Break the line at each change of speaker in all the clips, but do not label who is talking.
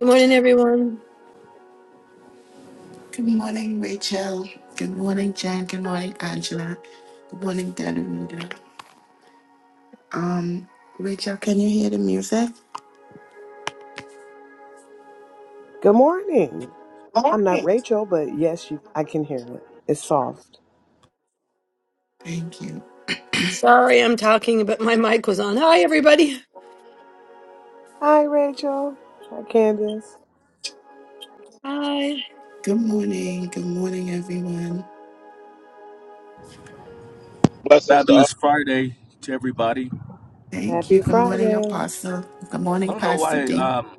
Good morning, everyone.
Good morning, Rachel. Good morning, Jen. Good morning, Angela. Good morning, Danita. Um, Rachel, can you hear the music?
Good morning. I'm not Rachel, but yes, you, I can hear it. It's soft.
Thank you.
Sorry, I'm talking, but my mic was on. Hi, everybody.
Hi, Rachel. Hi, Candace.
Hi.
Good morning. Good morning, everyone.
Blessings to all.
Fabulous Friday to everybody.
Thank you.
Happy
Good morning,
Friday.
Apostle. Good morning,
I don't know
Pastor
why
D.
um,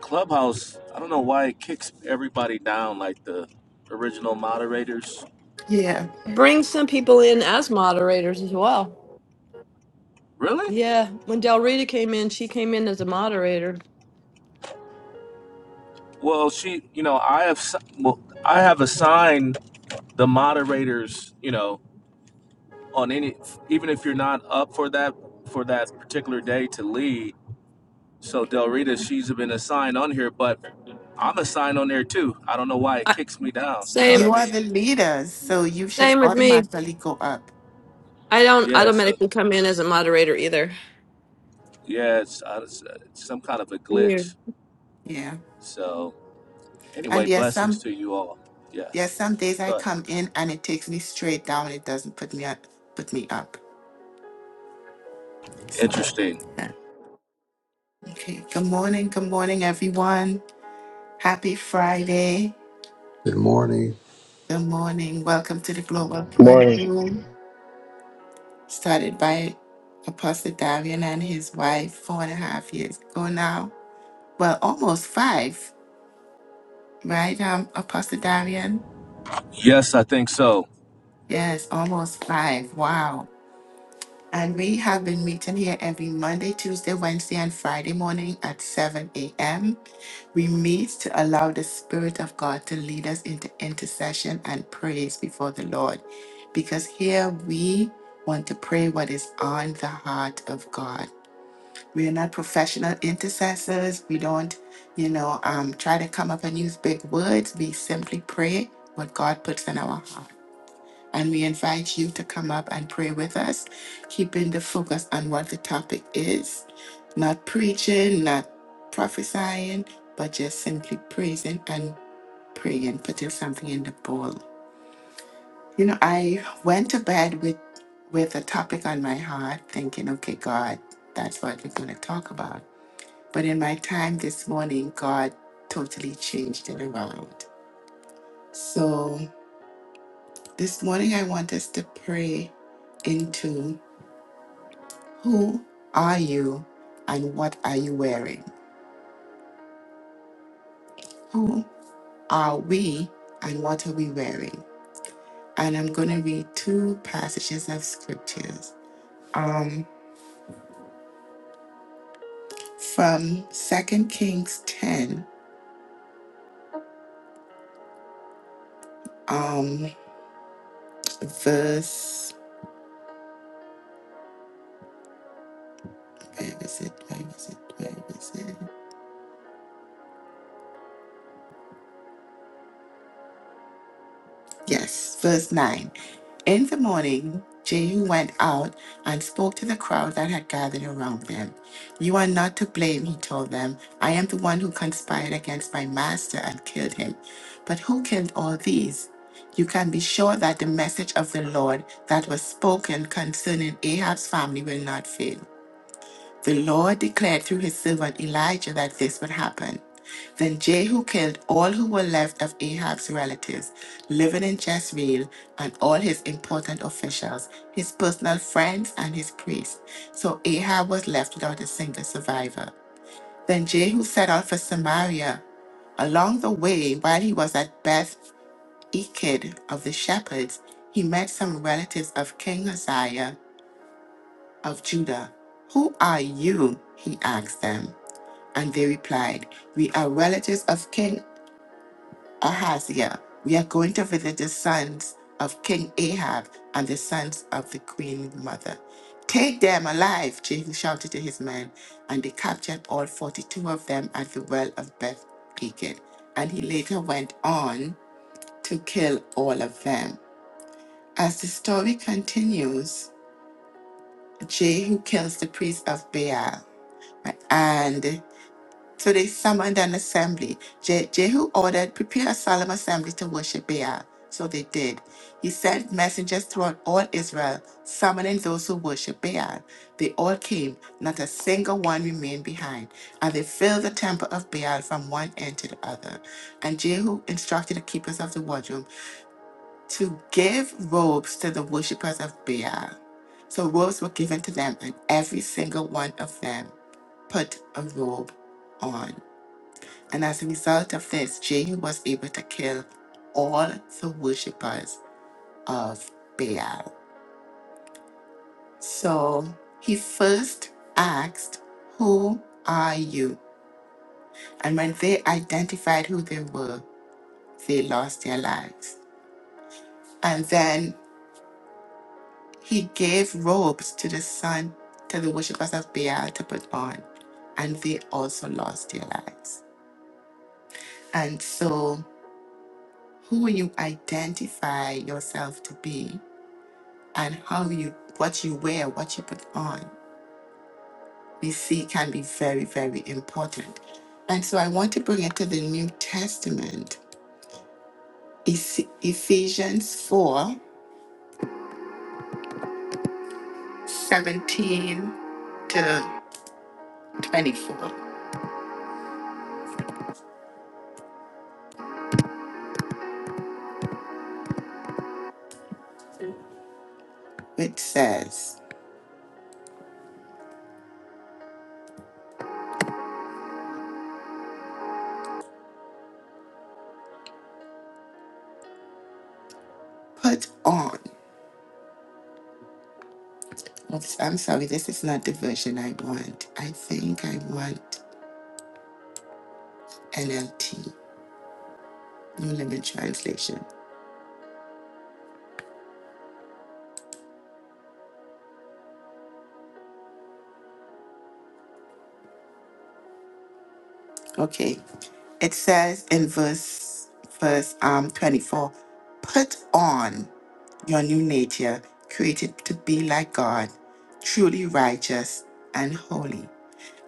Clubhouse. I don't know why it kicks everybody down like the original moderators.
Yeah.
Bring some people in as moderators as well.
Really?
Yeah, when Del Rita came in, she came in as a moderator.
Well, she. You know, I have. s- Well, I have assigned the moderators. You know, on any even if you're not up for that for that particular day to lead. So Del Rita, she's been assigned on here, but I'm assigned on there too. I don't know why it
I,
kicks me down. You know what
same,
I
You are the
mean?
leaders, so you should
same with me.
automatically go up.
I don't
Yes.
automatically come in as a moderator either.
Yeah, it's, uh, it's uh, some kind of a
Weird.
glitch.
Yeah.
So,
And
anyway,
there are
blessings
some
to you all. Yeah,
there are some days I
good.
come in and it takes me straight down. It doesn't put me up put me up. So
Interesting.
yeah. Okay, good morning, good morning, everyone. Happy Friday.
Good morning.
Good morning. Welcome to the Global Prayer
Morning.
Morning. Room, started by Apostle Darian and his wife four and a half years ago now. Well, almost five, right, um, Apostle Darian?
Yes, I think so.
Yes, almost five. Wow. And we have been meeting here every Monday, Tuesday, Wednesday, and Friday morning at 7 a.m. We meet to allow the Spirit of God to lead us into intercession and praise before the Lord. Because here we want to pray what is on the heart of God. We are not professional intercessors. We don't, you know, um, try to come up and use big words. We simply pray what God puts in our heart. And we invite you to come up and pray with us, keeping the focus on what the topic is. Not preaching, not prophesying, but just simply praising and praying, putting something in the bowl. You know, I went to bed with with a topic on my heart, thinking, okay, God, that's what we're gonna talk about. But in my time this morning, God totally changed it around. So this morning I want us to pray into. Who are you and what are you wearing? Who are we and what are we wearing? And I'm going to read two passages of scriptures um, from Second Kings 10, um, verse, where is it? Where is it? Where is it? Yes, verse 9. In the morning, Jehu went out and spoke to the crowd that had gathered around them. You are not to blame, he told them. I am the one who conspired against my master and killed him. But who killed all these? You can be sure that the message of the Lord that was spoken concerning Ahab's family will not fail. The Lord declared through his servant Elijah that this would happen. Then Jehu killed all who were left of Ahab's relatives living in Jezreel and all his important officials, his personal friends, and his priests. So Ahab was left without a single survivor. Then Jehu set out for Samaria. Along the way, while he was at Beth Eked of the shepherds, he met some relatives of King Uzziah of Judah. Who are you? he asked them. And they replied, We are relatives of King Ahaziah. We are going to visit the sons of King Ahab and the sons of the queen mother. Take them alive, Jehu shouted to his men, and they captured all 42 of them at the well of Beth Pekin. And he later went on to kill all of them. As the story continues, Jehu kills the priest of Baal, right? and So they summoned an assembly. Je- Jehu ordered, Prepare a solemn assembly to worship Baal. So they did. He sent messengers throughout all Israel, summoning those who worship Baal. They all came, not a single one remained behind, and they filled the temple of Baal from one end to the other. And Jehu instructed the keepers of the wardrobe to give robes to the worshippers of Baal. So robes were given to them, and every single one of them put a robe on. And as a result of this, Jehu was able to kill all the worshippers of Baal. So he first asked, Who are you? And when they identified who they were, they lost their lives. And then he gave robes to the sun, to the worshippers of Baal to put on, and they also lost their lives. And so, who you identify yourself to be and how you what you wear, what you put on, we see can be very, very important. And so I want to bring it to the New Testament, Eph- Ephesians four seventeen to 24, which says, Put on. Oops, I'm sorry, this is not the version I want. I think I want NLT, New Living Translation. Okay. It says in verse verse um 24, put on your new nature, created to be like God, truly righteous and holy.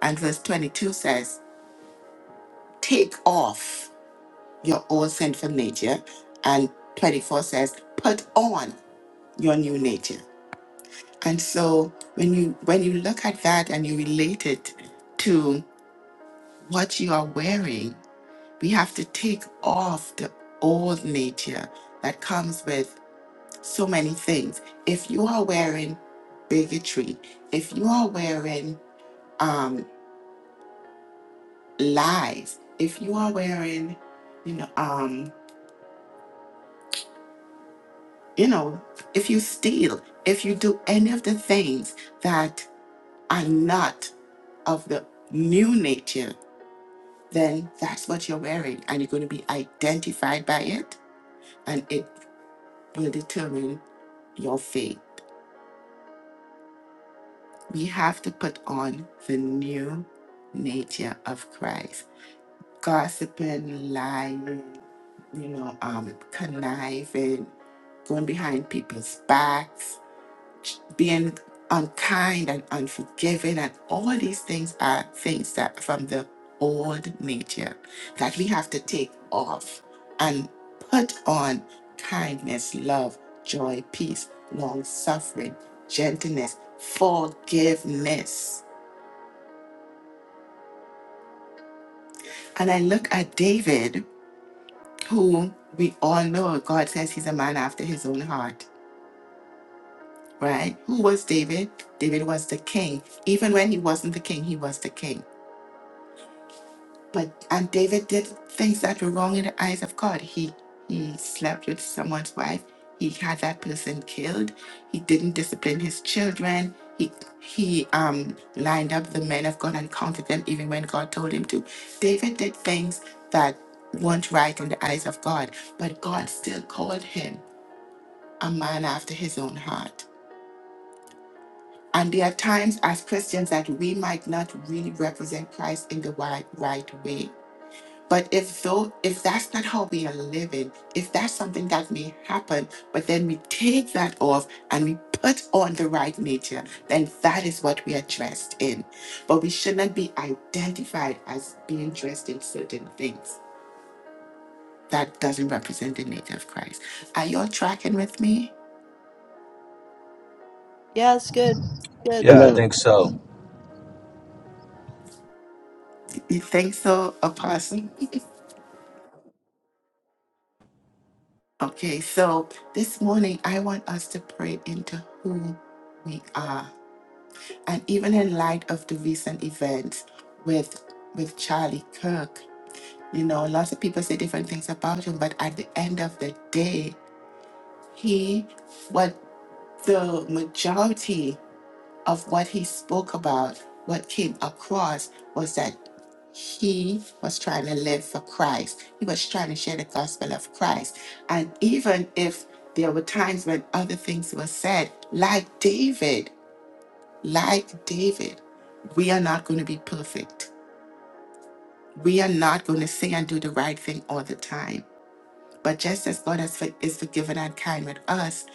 And verse 22 says, take off your old sinful nature. And 24 says, put on your new nature. And so when you when you look at that and you relate it to what you are wearing, we have to take off the old nature that comes with so many things. If you are wearing bigotry, if you are wearing um, lies, if you are wearing, you know, um, you know, if you steal, if you do any of the things that are not of the new nature, then that's what you're wearing, and you're going to be identified by it, and it will determine your fate We have to put on the new nature of Christ. Gossiping, lying, you know, um, conniving, going behind people's backs, being unkind and unforgiving, and all these things are things that from the old nature that we have to take off and put on kindness, love, joy, peace, long suffering, gentleness, forgiveness And I look at David, who we all know God says he's a man after his own heart, right? Who was David? David was the king. Even when he wasn't the king, he was the king. But and David did things that were wrong in the eyes of God. He he slept with someone's wife. He had that person killed. He didn't discipline his children. He he um lined up the men of God and counted them even when God told him to. David did things that weren't right in the eyes of God, but God still called him a man after his own heart. And there are times as Christians that we might not really represent Christ in the right, right way but if though if that's not how we are living, if that's something that may happen, but then we take that off and we put on the right nature, then that is what we are dressed in. But we should not be identified as being dressed in certain things. That doesn't represent the nature of Christ. Are you all tracking with me?
Yeah, it's good. Good.
Yeah, I think
Amen.
so.
You think so, Apostle? Okay, so this morning I want us to pray into who we are And even in light of the recent events with with Charlie Kirk, you know, lots of people say different things about him, but at the end of the day, he what the majority of what he spoke about, what came across was that he was trying to live for Christ. He was trying to share the gospel of Christ. And even if there were times when other things were said, like David. Like David, we are not going to be perfect. We are not going to say and do the right thing all the time. But just as God has, for- is forgiven and kind with us,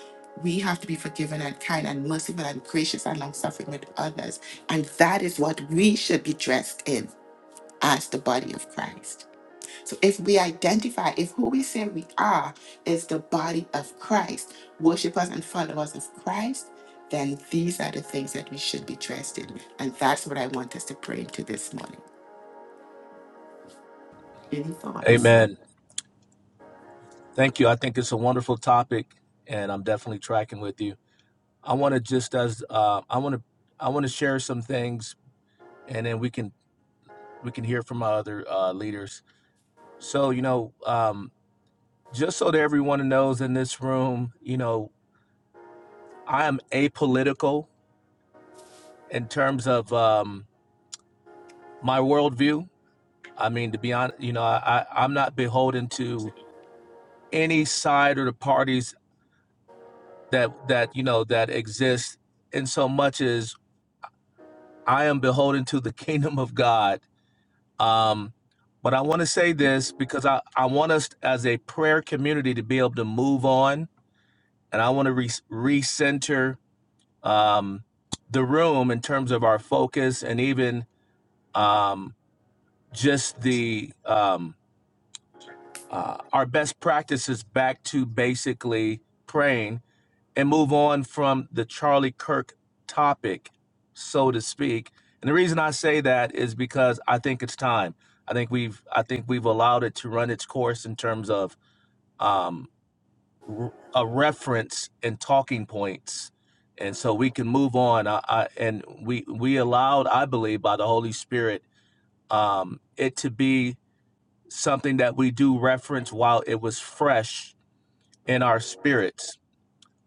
we have to be forgiven and kind and merciful and gracious and long suffering with others. And that is what we should be dressed in as the body of Christ. So if we identify, if who we say we are is the body of Christ, worshipers and followers of Christ, then these are the things that we should be dressed in. And that's what I want us to pray into this morning. Any thoughts?
Amen. Thank you. I think it's a wonderful topic, and I'm definitely tracking with you. I want to just as uh, I want to I want to share some things, and then we can we can hear from our other uh, leaders. So you know, um, just so that everyone knows in this room, you know, I am apolitical in terms of. Um, my worldview. I mean, to be honest, you know, I, I I'm not beholden to any side or the parties that that you know that exist in so much as I am beholden to the kingdom of God. Um, but I want to say this because I I want us as a prayer community to be able to move on, and I want to re- recenter um, the room in terms of our focus and even um, just the um, uh, our best practices back to basically praying and move on from the Charlie Kirk topic, so to speak. And the reason I say that is because I think it's time. I think we've I think we've allowed it to run its course in terms of um, r- a reference and talking points, and so we can move on. I, I, and we we allowed, I believe, by the Holy Spirit, um, it to be something that we do reference while it was fresh in our spirits.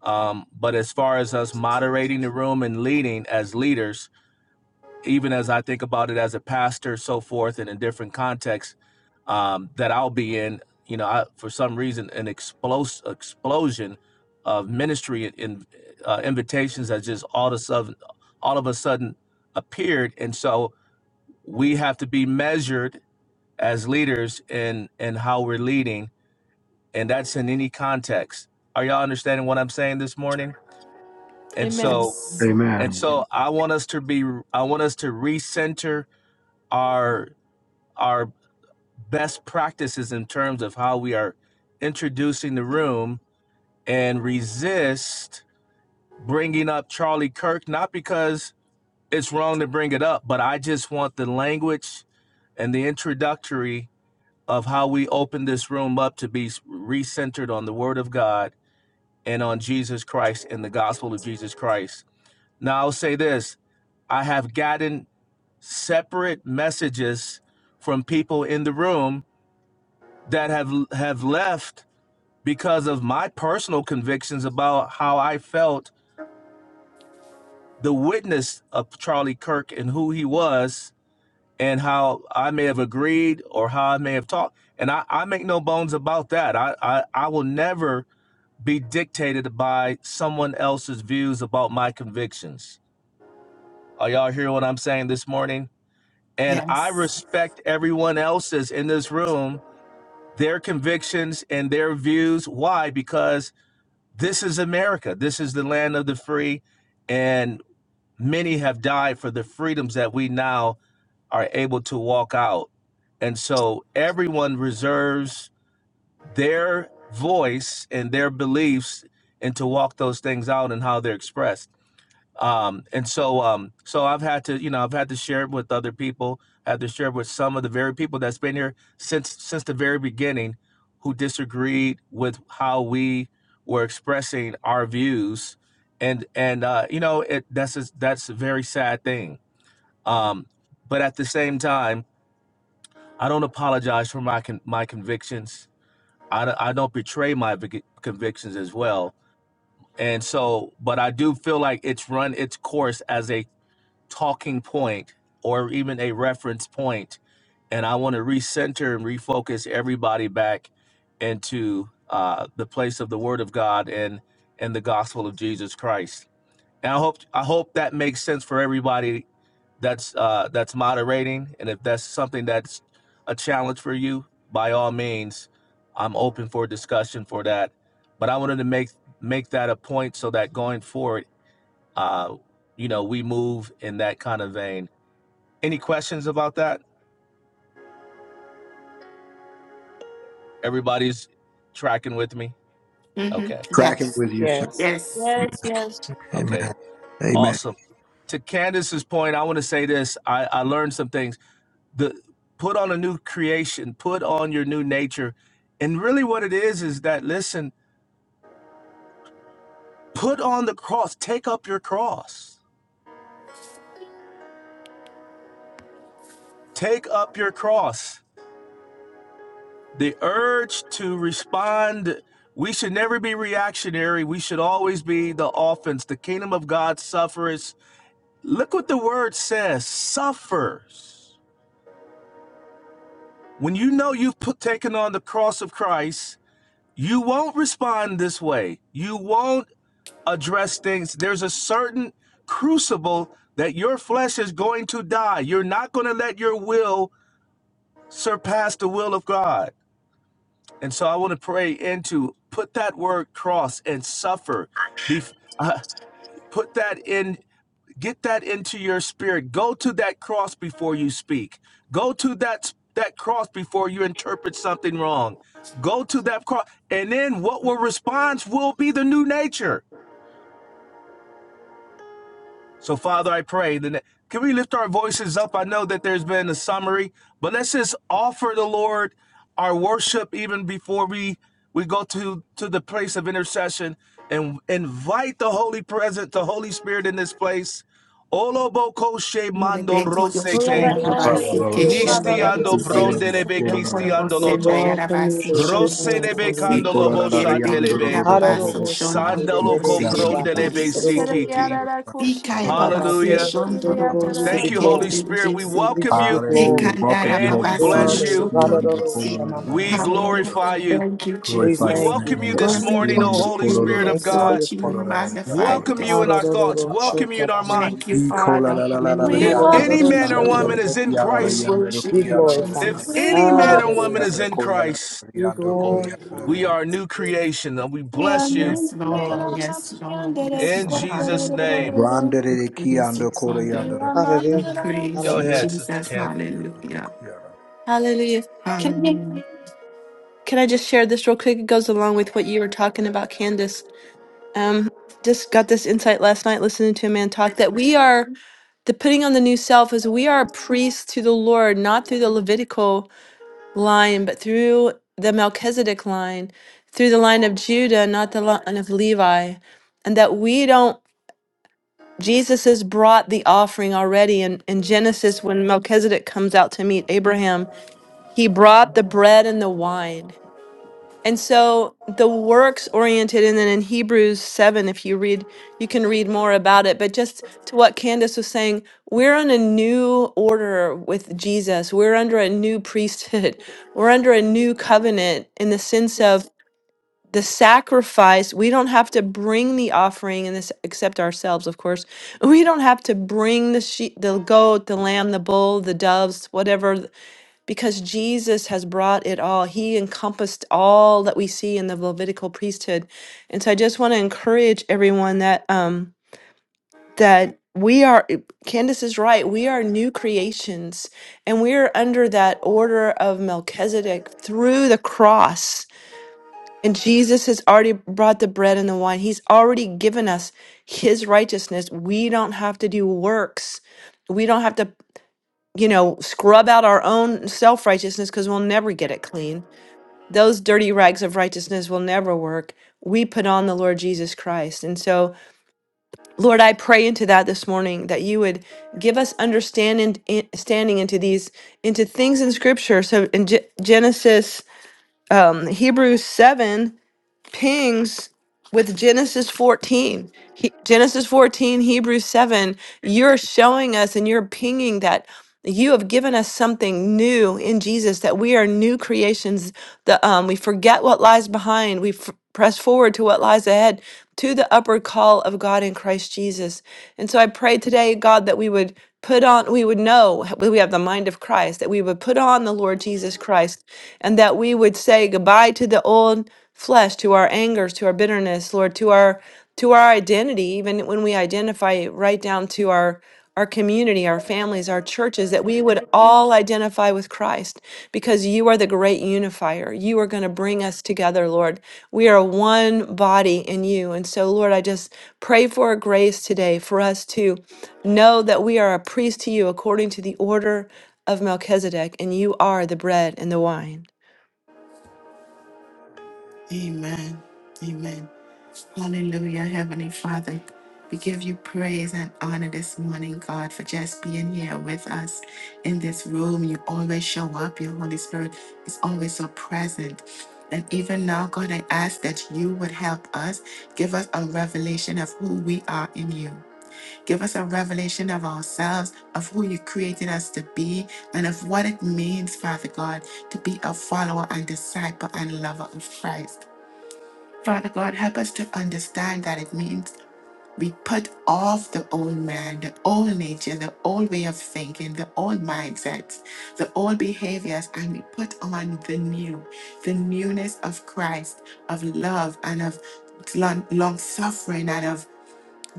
Um, but as far as us moderating the room and leading as leaders, even as I think about it as a pastor, so forth, and in different contexts um, that I'll be in, you know, I, for some reason, an explos- explosion of ministry and in, uh, invitations that just all of a sudden, all of a sudden appeared, and so we have to be measured as leaders in in how we're leading and that's in any context. Are y'all understanding what I'm saying this morning? And
Amen.
so
Yes.
and
Amen.
so I want us to be I want us to recenter our our best practices in terms of how we are introducing the room and resist bringing up Charlie Kirk not because it's wrong to bring it up, but I just want the language and the introductory of how we open this room up to be recentered on the word of God and on Jesus Christ and the gospel of Jesus Christ. Now, I'll say this I have gotten separate messages from people in the room that have have left because of my personal convictions about how I felt the witness of Charlie Kirk and who he was and how I may have agreed or how I may have talked. And I, I make no bones about that. I, I, I will never be dictated by someone else's views about my convictions. Are y'all hear what I'm saying this morning? And I
Yes.
respect everyone else's in this room, their convictions and their views. Why? Because this is America. This is the land of the free. And many have died for the freedoms that we now are able to walk out. And so everyone reserves their voice and their beliefs and to walk those things out and how they're expressed. Um, and so, um, so I've had to, you know, I've had to share it with other people. I had to share it with some of the very people that's been here since since the very beginning, who disagreed with how we were expressing our views, and and uh, you know, it that's a, that's a very sad thing. Um, but at the same time, I don't apologize for my con- my convictions. I don't, I don't betray my vic- convictions as well. And so, but I do feel like it's run its course as a talking point or even a reference point, and I want to recenter and refocus everybody back into uh, the place of the Word of God and and the gospel of Jesus Christ. And I hope I hope that makes sense for everybody that's uh, that's moderating. And if that's something that's a challenge for you, by all means, I'm open for discussion for that. But I wanted to make make that a point so that going forward uh, you know, we move in that kind of vein. Any questions about that? Everybody's tracking with me?
hmm
Okay.
Tracking
Yes.
with you, sir.
Yes.
Yes.
Yes, yes.
Amen.
Okay.
Amen.
Awesome. To Candace's point, I want to say this. I, I learned some things. The put on a new creation, put on your new nature. And really what it is is that listen, put on the cross, take up your cross. Take up your cross. the urge to respond we should never be reactionary we should always be the offense the kingdom of god suffers look what the word says suffers when you know you've put, taken on the cross of christ you won't respond this way you won't address things there's a certain crucible that your flesh is going to die you're not going to let your will surpass the will of god And so I want to pray into put that word cross and suffer. Be, uh, put that in, get that into your spirit. Go to that cross before you speak. Go to that that cross before you interpret something wrong. Go to that cross, and then what will response will be the new nature. So, Father, I pray. That, can we lift our voices up? I know that there's been a summary, but let's just offer the Lord our worship even before we we go to to the place of intercession and invite the Holy Presence, the Holy Spirit in this place. Olobokoshe mando
Rebeko
Hola,
rosete,
Yoshina
Thank you,
Rabasi
barriga,
Jesus. You're
hola,
Kishin
welcome in this
nishtiando
Rebose.
place.
brondelebe
No Cordobo
kistiando
You're
Senda
welcome, you,
Yarabasi
Lord,
Shon
this morning.
roselebe
Lord, we
Dorobose.
candolobo
thank
barriga.
you.
Yerebeki
shatelebe,
We
Yababaso Shon
give
sandaloko
Dorobose Shit
brondelebe
We
Rebose.
welcome
sikiti.
Sika Yababasi
Hallelujah.
Shon Dorobose
Thank
you
you, Holy
glory.
Spirit. We
Rebose.
We
welcome
give you
you
glory.
Hallelujah. Welcome
Rekandara
you,
and we
Holy
We
Babaso
Spirit.
bless
honor
Yosho
you.
you.
Dorobose.
We glorify
Hallelujah.
you.
Thank you,
We
Glorify
We
your
Jesus.
thank you
welcome you
for
this
this.
God,
day.
we
morning, O
worship
Holy
We
you, we
Spirit of
thank you for
God.
your
exalt you, we
name.
presence.
magnify you
Welcome you
this
ha
in
da
our
da
morning.
thoughts, welcome you in our mind.
da
Thank you,
Ikola
Father.
la la la la la
If
Hallelujah.
yata la
any
la
man or
yanda la
you.
Hallelujah.
woman
la
is in
yara la
We
Christ,
yanda la ku
Be
worship you,
yara la la
if
glorified.
yanda la
Jesus.
We
any
ha
man
la yara
or
welcome
woman is
la yanda
in
ko
you.
yara
Christ,
la
Be
yanda ko yara la
we
la
glorified.
are a new
Hallelujah.
creation and we
We
yata la
are
bless you
in
Yes,
yata la
Thank
Lord.
you,
Yes,
Jesus.
Lord. Yes,
in
Lord.
Jesus'
Hallelujah.
name.
the
brande de ki
Praise you,
yanda ko la yanda
Father.
la la yata
We
Hallelujah.
praise
Go
you,
yata
Hallelujah.
ahead, Sister
Jesus.
Ken.
yanda la
Hallelujah.
ku yara
Hallelujah. Can I,
Hallelujah.
can I just share this real quick? It goes along with what you were talking about, Candace. Um, just got this insight last night listening to a man talk that we are, depending on the new self, is we are priests to the Lord, not through the Levitical. line, but through the Melchizedek line, through the line of Judah, not the line of Levi, and that we don't. Jesus has brought the offering already in, in Genesis when Melchizedek comes out to meet Abraham. He brought the bread and the wine. And so the works oriented, and then in Hebrews 7, if you read, you can read more about it. But just to what Candace was saying, we're on a new order with Jesus. We're under a new priesthood. We're under a new covenant in the sense of the sacrifice. We don't have to bring the offering, and this except ourselves, of course. We don't have to bring the sheep, the goat, the lamb, the bull, the doves, whatever, because Jesus has brought it all. He encompassed all that we see in the Levitical priesthood. And so I just want to encourage everyone that um that we are Candace is right. We are new creations and we are under that order of Melchizedek through the cross. And Jesus has already brought the bread and the wine. He's already given us his righteousness. We don't have to do works. We don't have to you know, scrub out our own self righteousness because we'll never get it clean. Those dirty rags of righteousness will never work. We put on the Lord Jesus Christ. And so, Lord, I pray into that this morning that you would give us understanding in- standing into these into things in scripture. So in Ge- Genesis um Hebrews 7 pings with Genesis 14. He- Genesis 14, Hebrews 7, you're showing us and you're pinging that you have given us something new in Jesus that we are new creations. The um, we forget what lies behind. We f- press forward to what lies ahead, to the upward call of God in Christ Jesus. And so I pray today, God, that we would put on. We would know h- we have the mind of Christ. That we would put on the Lord Jesus Christ, and that we would say goodbye to the old flesh, to our angers, to our bitterness, Lord, to our to our identity, even when we identify right down to our our community, our families, our churches, that we would all identify with Christ because you are the great unifier. You are going to bring us together, Lord. We are one body in you. And so, Lord, I just pray for a grace today for us to know that we are a priest to you according to the order of Melchizedek, and you are the bread and the wine.
Amen. Amen. Hallelujah, Heavenly Father. We give you praise and honor this morning, God, for just being here with us in this room. You always show up. Your Holy Spirit is always so present. And even now, God, I ask that you would help us. Give us a revelation of who we are in you. Give us a revelation of ourselves, of who you created us to be, and of what it means, Father God, to be a follower and disciple and lover of Christ. Father God, help us to understand that it means we put off the old man, the old nature, the old way of thinking, the old mindsets, the old behaviors, and we put on the new, the newness of Christ, of love and of long long suffering and of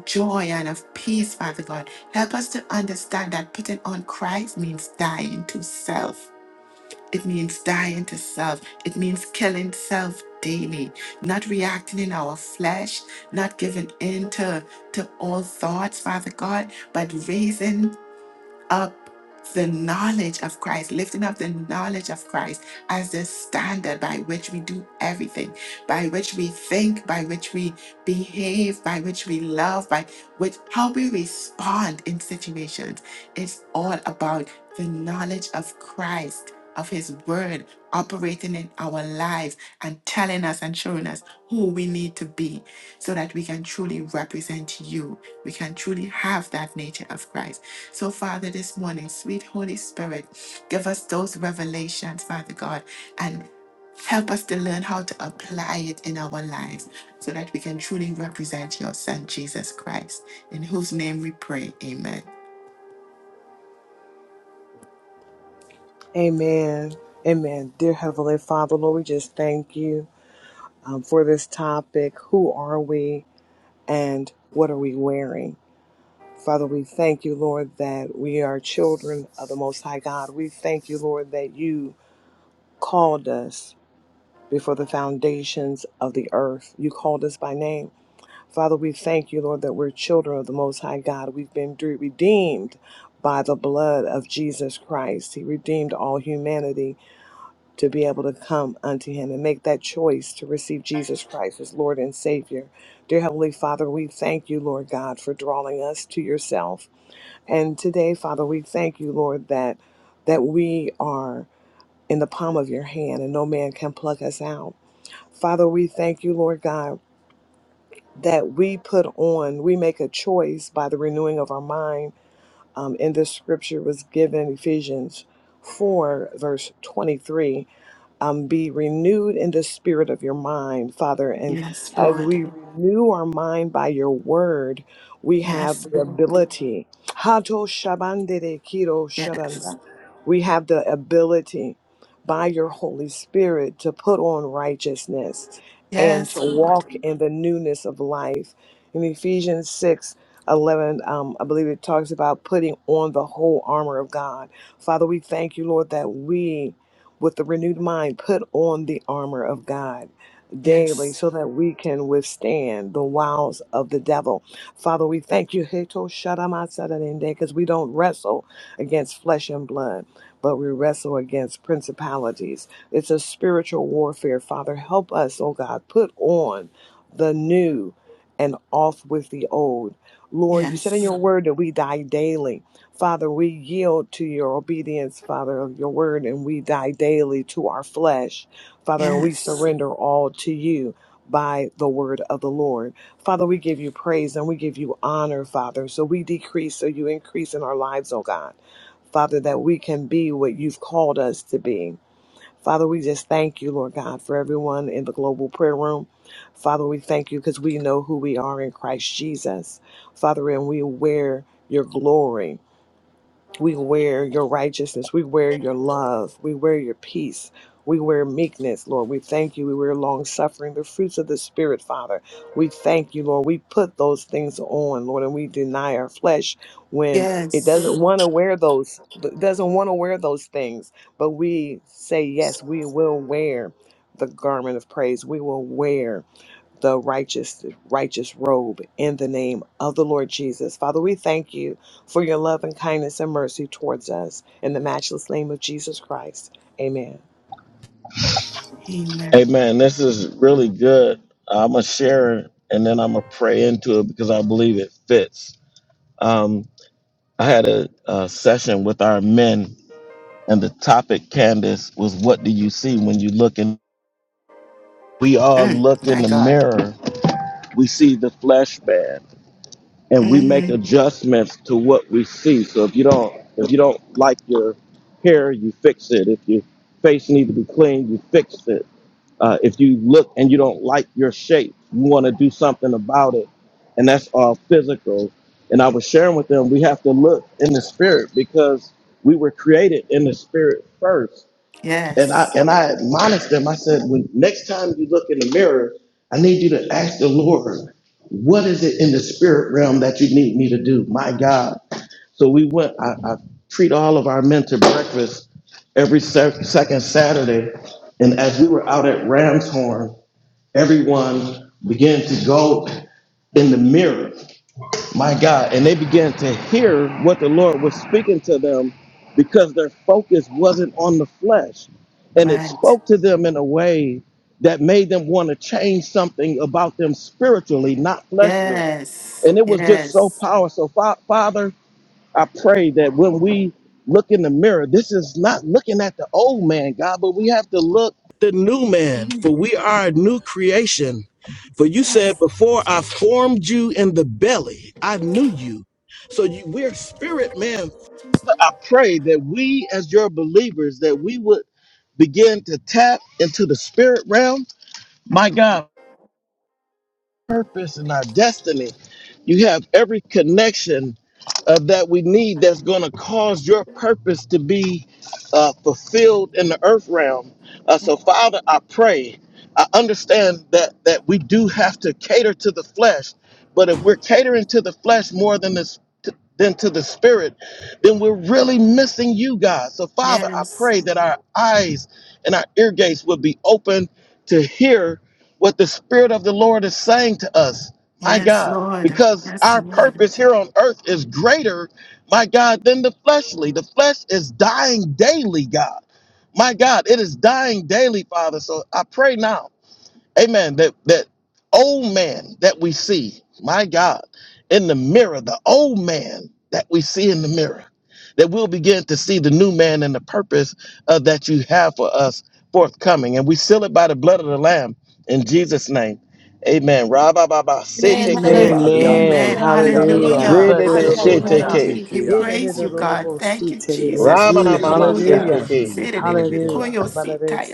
joy and of peace, Father God. Help us to understand that putting on Christ means dying to self it means dying to self. It means killing self daily, not reacting in our flesh, not giving in to, to all thoughts, Father God, but raising up the knowledge of Christ, lifting up the knowledge of Christ as the standard by which we do everything, by which we think, by which we behave, by which we love, by which how we respond in situations. It's all about the knowledge of Christ, of His Word operating in our lives and telling us and showing us who we need to be so that we can truly represent you. We can truly have that nature of Christ. So, Father, this morning, sweet Holy Spirit, give us those revelations, Father God, and help us to learn how to apply it in our lives so that we can truly represent your Son, Jesus Christ, in whose name we pray. Amen.
Amen. Amen. Dear Heavenly Father, Lord, we just thank you um, for this topic. Who are we and what are we wearing? Father, we thank you, Lord, that we are children of the Most High God. We thank you, Lord, that you called us before the foundations of the earth. You called us by name. Father, we thank you, Lord, that we're children of the Most High God. We've been de- redeemed by the blood of Jesus Christ. He redeemed all humanity to be able to come unto Him and make that choice to receive Jesus Christ as Lord and Savior. Dear Heavenly Father, we thank you, Lord God, for drawing us to yourself. And today, Father, we thank you, Lord, that that we are in the palm of your hand and no man can pluck us out. Father, we thank you, Lord God, that we put on, we make a choice by the renewing of our mind. Um, in this scripture was given Ephesians 4, verse 23 um, be renewed in the spirit of your mind, Father. And
Yes,
as
Lord.
we renew our mind by your word, we have
Yes,
the
Lord.
ability. Hato shabandere kiro
Yes.
we have the ability by your Holy Spirit to put on righteousness and
Yes,
to
Lord.
walk in the newness of life. In Ephesians 6 11, um, I believe it talks about putting on the whole armor of God. Father, we thank you, Lord, that we, with the renewed mind, put on the armor of God daily
Yes.
so that we can withstand the wiles of the devil. Father, we thank you, because we don't wrestle against flesh and blood but we wrestle against principalities. It's a spiritual warfare. Father, help us, oh God, put on the new and off with the old. Lord, you said in
Yes.
your word that we die daily. Father, we yield to your obedience, Father, of your word, and we die daily to our flesh. Father, and we
Yes.
surrender all to you by the word of the Lord. Father, we give you praise and we give you honor, Father. So we decrease, so you increase in our lives, oh God. Father, that we can be what you've called us to be. Father, we just thank you, Lord God, for everyone in the global prayer room. Father, we thank you because we know who we are in Christ Jesus. Father, and we wear your glory. We wear your righteousness. We wear your love. We wear your peace. We wear meekness, Lord. We thank you. We wear long suffering, the fruits of the Spirit, Father. We thank you, Lord. We put those things on, Lord, and we deny our flesh when it doesn't
Yes.
want to wear those it doesn't want to wear those things. But we say, yes, we will wear the garment of praise. We will wear the righteous righteous robe in the name of the Lord Jesus. Father, we thank you for your love and kindness and mercy towards us in the matchless name of Jesus Christ. Amen.
Amen.
Amen. This is really good. I'm going to share it and then I'm going to pray into it because I believe it fits. Um, I had a, a session with our men, and the topic, Candace, was what do you see when you look in? We all
Mm,
look in
my
the
God.
mirror, we see the flesh man, and we make
hmm
adjustments to what we see. So if you don't, if you don't like your hair, you fix it. If your face needs to be clean, you fix it Uh, if you look and you don't like your shape, you want to do something about it. And that's all physical. And I was sharing with them, we have to look in the spirit because we were created in the spirit first and I
Yes.
and I admonished them. I said, when next time you look in the mirror, I need you to ask the Lord, what is it in the spirit realm that you need me to do? My God. So we went. I, I treat all of our men to breakfast every se- second Saturday, and as we were out at Ramshorn, everyone began to go in the mirror. My God. And they began to hear what the Lord was speaking to them because their focus wasn't on the flesh. And it
Right.
spoke to them in a way that made them want to change something about them spiritually, not fleshly.
Yes.
And it was just so
Yes.
powerful. So, Fa- Father, I pray that when we look in the mirror, this is not looking at the old man, God, but we have to look the new man, for
Mhm.
we are a new creation. For you said,
Yes.
Before I formed you in the belly, I knew you. So you, we're spirit man. I pray that we, as your believers, that we would begin to tap into the spirit realm. My God, purpose and our destiny. You have every connection uh, that we need that's going to cause your purpose to be uh, fulfilled in the earth realm. Uh, so, Father, I pray. I understand that that we do have to cater to the flesh, but if we're catering to the flesh more than this than to the spirit, then we're really missing you, God. So, Father, I
Yes.
pray that our eyes and our ear gates will be open to hear what the Spirit of the Lord is saying to us, my
Yes,
God,
Lord.
because
Yes,
our
Lord.
purpose here on earth is greater, my God, than the fleshly. The flesh is dying daily, God. My God, it is dying daily, Father. So I pray now. Amen. That that old man that we see, my God, in the mirror, the old man that we see in the mirror, that we'll begin to see the new man and the purpose uh, that you have for us forthcoming. And we seal it by the blood of the Lamb in Jesus' name. Amen. Rabababa,
Man,
sete
Amen.
hallelujah.
kerebasa.
yanda
Amen.
la
Amen.
ku yara la Ariando Kia la
Hallelujah.
ba
Hallelujah.
Hallelujah.
ba ba
Thank
Rebebe,
ba ba ba ba
shete
Hallelujah.
you,
Hallelujah.
ke
ke.
te
We
yanda ko
praise you,
la
God.
yanda
Thank you, Jesus.
Ramanamama,
Hallelujah.
sete
Hallelujah.
ke.
hallelujah glory to God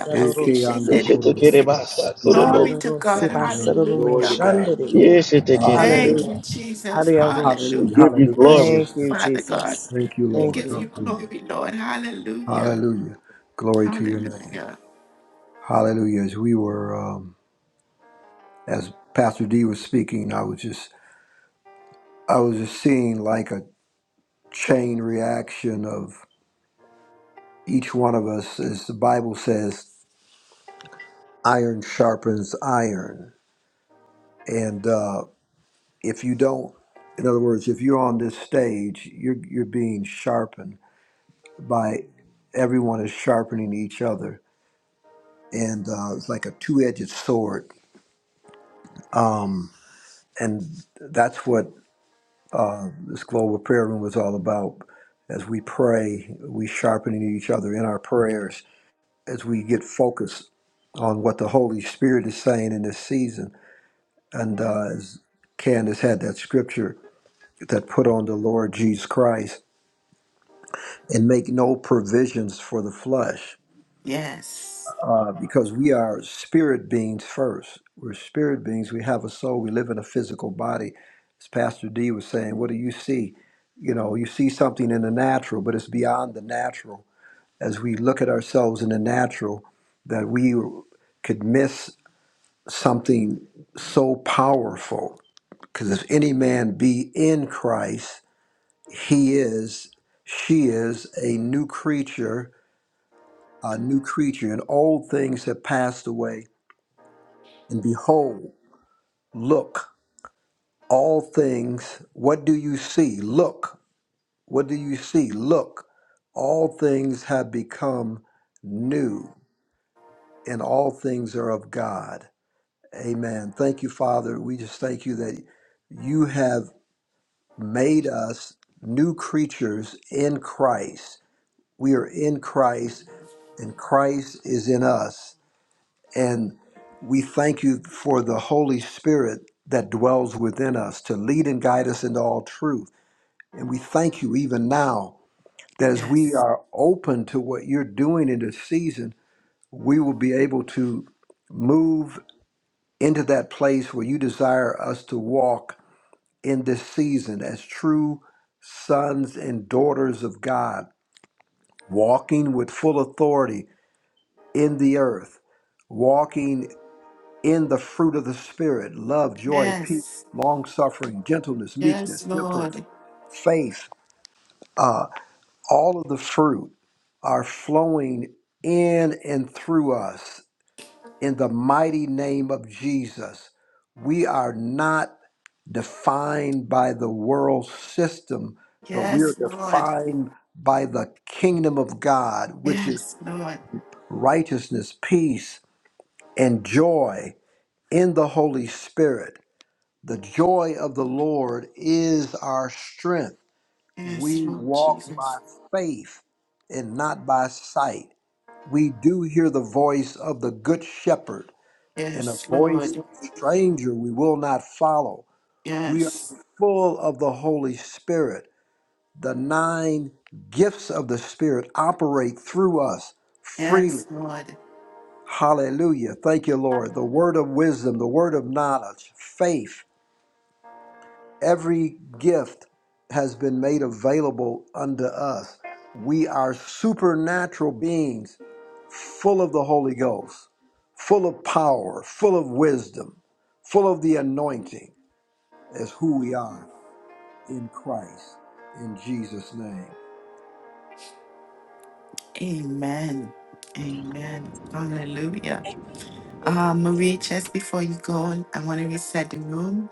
ek yanda ko la
Yeshete kerebasa,
la
Glory
kududu.
to God.
yanda glory
Hallelujah.
to God
Hallelujah.
Yeshete
Thank
hallelujah
you,
kerebe.
Hallelujah. Hallelujah.
Jesus.
Hallelujah.
Hallelujah.
We
Hallelujah.
give
We
you
Hallelujah.
worship
Lord
glory.
Thank
you,
you,
God.
Father God.
Jesus.
Thank you,
We
Thank
Lord.
give you
you.
Hallelujah.
glory, Lord. Hallelujah.
Hallelujah. Glory to your name.
Hallelujah.
Hallelujah. As we were, um, as Pastor D was speaking, I was just, I was just seeing like a chain reaction of each one of us, as the Bible says, iron sharpens iron. And uh, if you don't, in other words, if you're on this stage, you're you're being sharpened by everyone is sharpening each other, and uh, it's like a two-edged sword Um, and that's what this global prayer room is all about. As we pray, we sharpening each other in our prayers as we get focused on what the Holy Spirit is saying in this season. And uh, as Candace had that scripture that put on the Lord Jesus Christ and make no provisions for the flesh
Yes.
uh, because we are spirit beings first. We're spirit beings. We have a soul. We live in a physical body. As Pastor D was saying, what do you see? you know you see something in the natural but it's beyond the natural as we look at ourselves in the natural that we could miss something so powerful because if any man be in christ he is she is a new creature a new creature and old things have passed away and behold look all things what do you see look what do you see look all things have become new and all things are of God. Amen. Thank you, Father. We just thank you that you have made us new creatures in Christ. We are in Christ, and Christ is in us. And we thank you for the Holy Spirit that dwells within us to lead and guide us into all truth. And we thank you even now that as we
Yes.
are open to what you're doing in this season, we will be able to move into that place where you desire us to walk in this season as true sons and daughters of God, walking with full authority in the earth, walking in the fruit of the Spirit love, joy, peace,
Yes.
long suffering, gentleness, meekness,
Yes,
temperance,
Lord.
faith. All of the fruit are flowing in and through us in the mighty name of Jesus. We are not defined by the world system, but we are
Yes, Lord.
defined by the kingdom of God, which is
Yes, Lord.
righteousness, peace, and joy in the Holy Spirit. The joy of the Lord is our strength.
Yes,
We
Lord
walk by
Jesus.
faith and not by sight. We do hear the voice of the good shepherd and a
Yes,
voice of
Lord.
a stranger we will not follow. We are
Yes.
full of the Holy Spirit the nine gifts of the Spirit operate through us freely.
Yes, Lord.
Hallelujah. Thank you, Lord. The word of wisdom, the word of knowledge, faith, every gift has been made available unto us. We are supernatural beings full of the Holy Ghost, full of power, full of wisdom, full of the anointing as who we are in Christ. In Jesus' name.
Amen. Amen. Hallelujah. Uh, Marie, just before you go, I want to reset the room.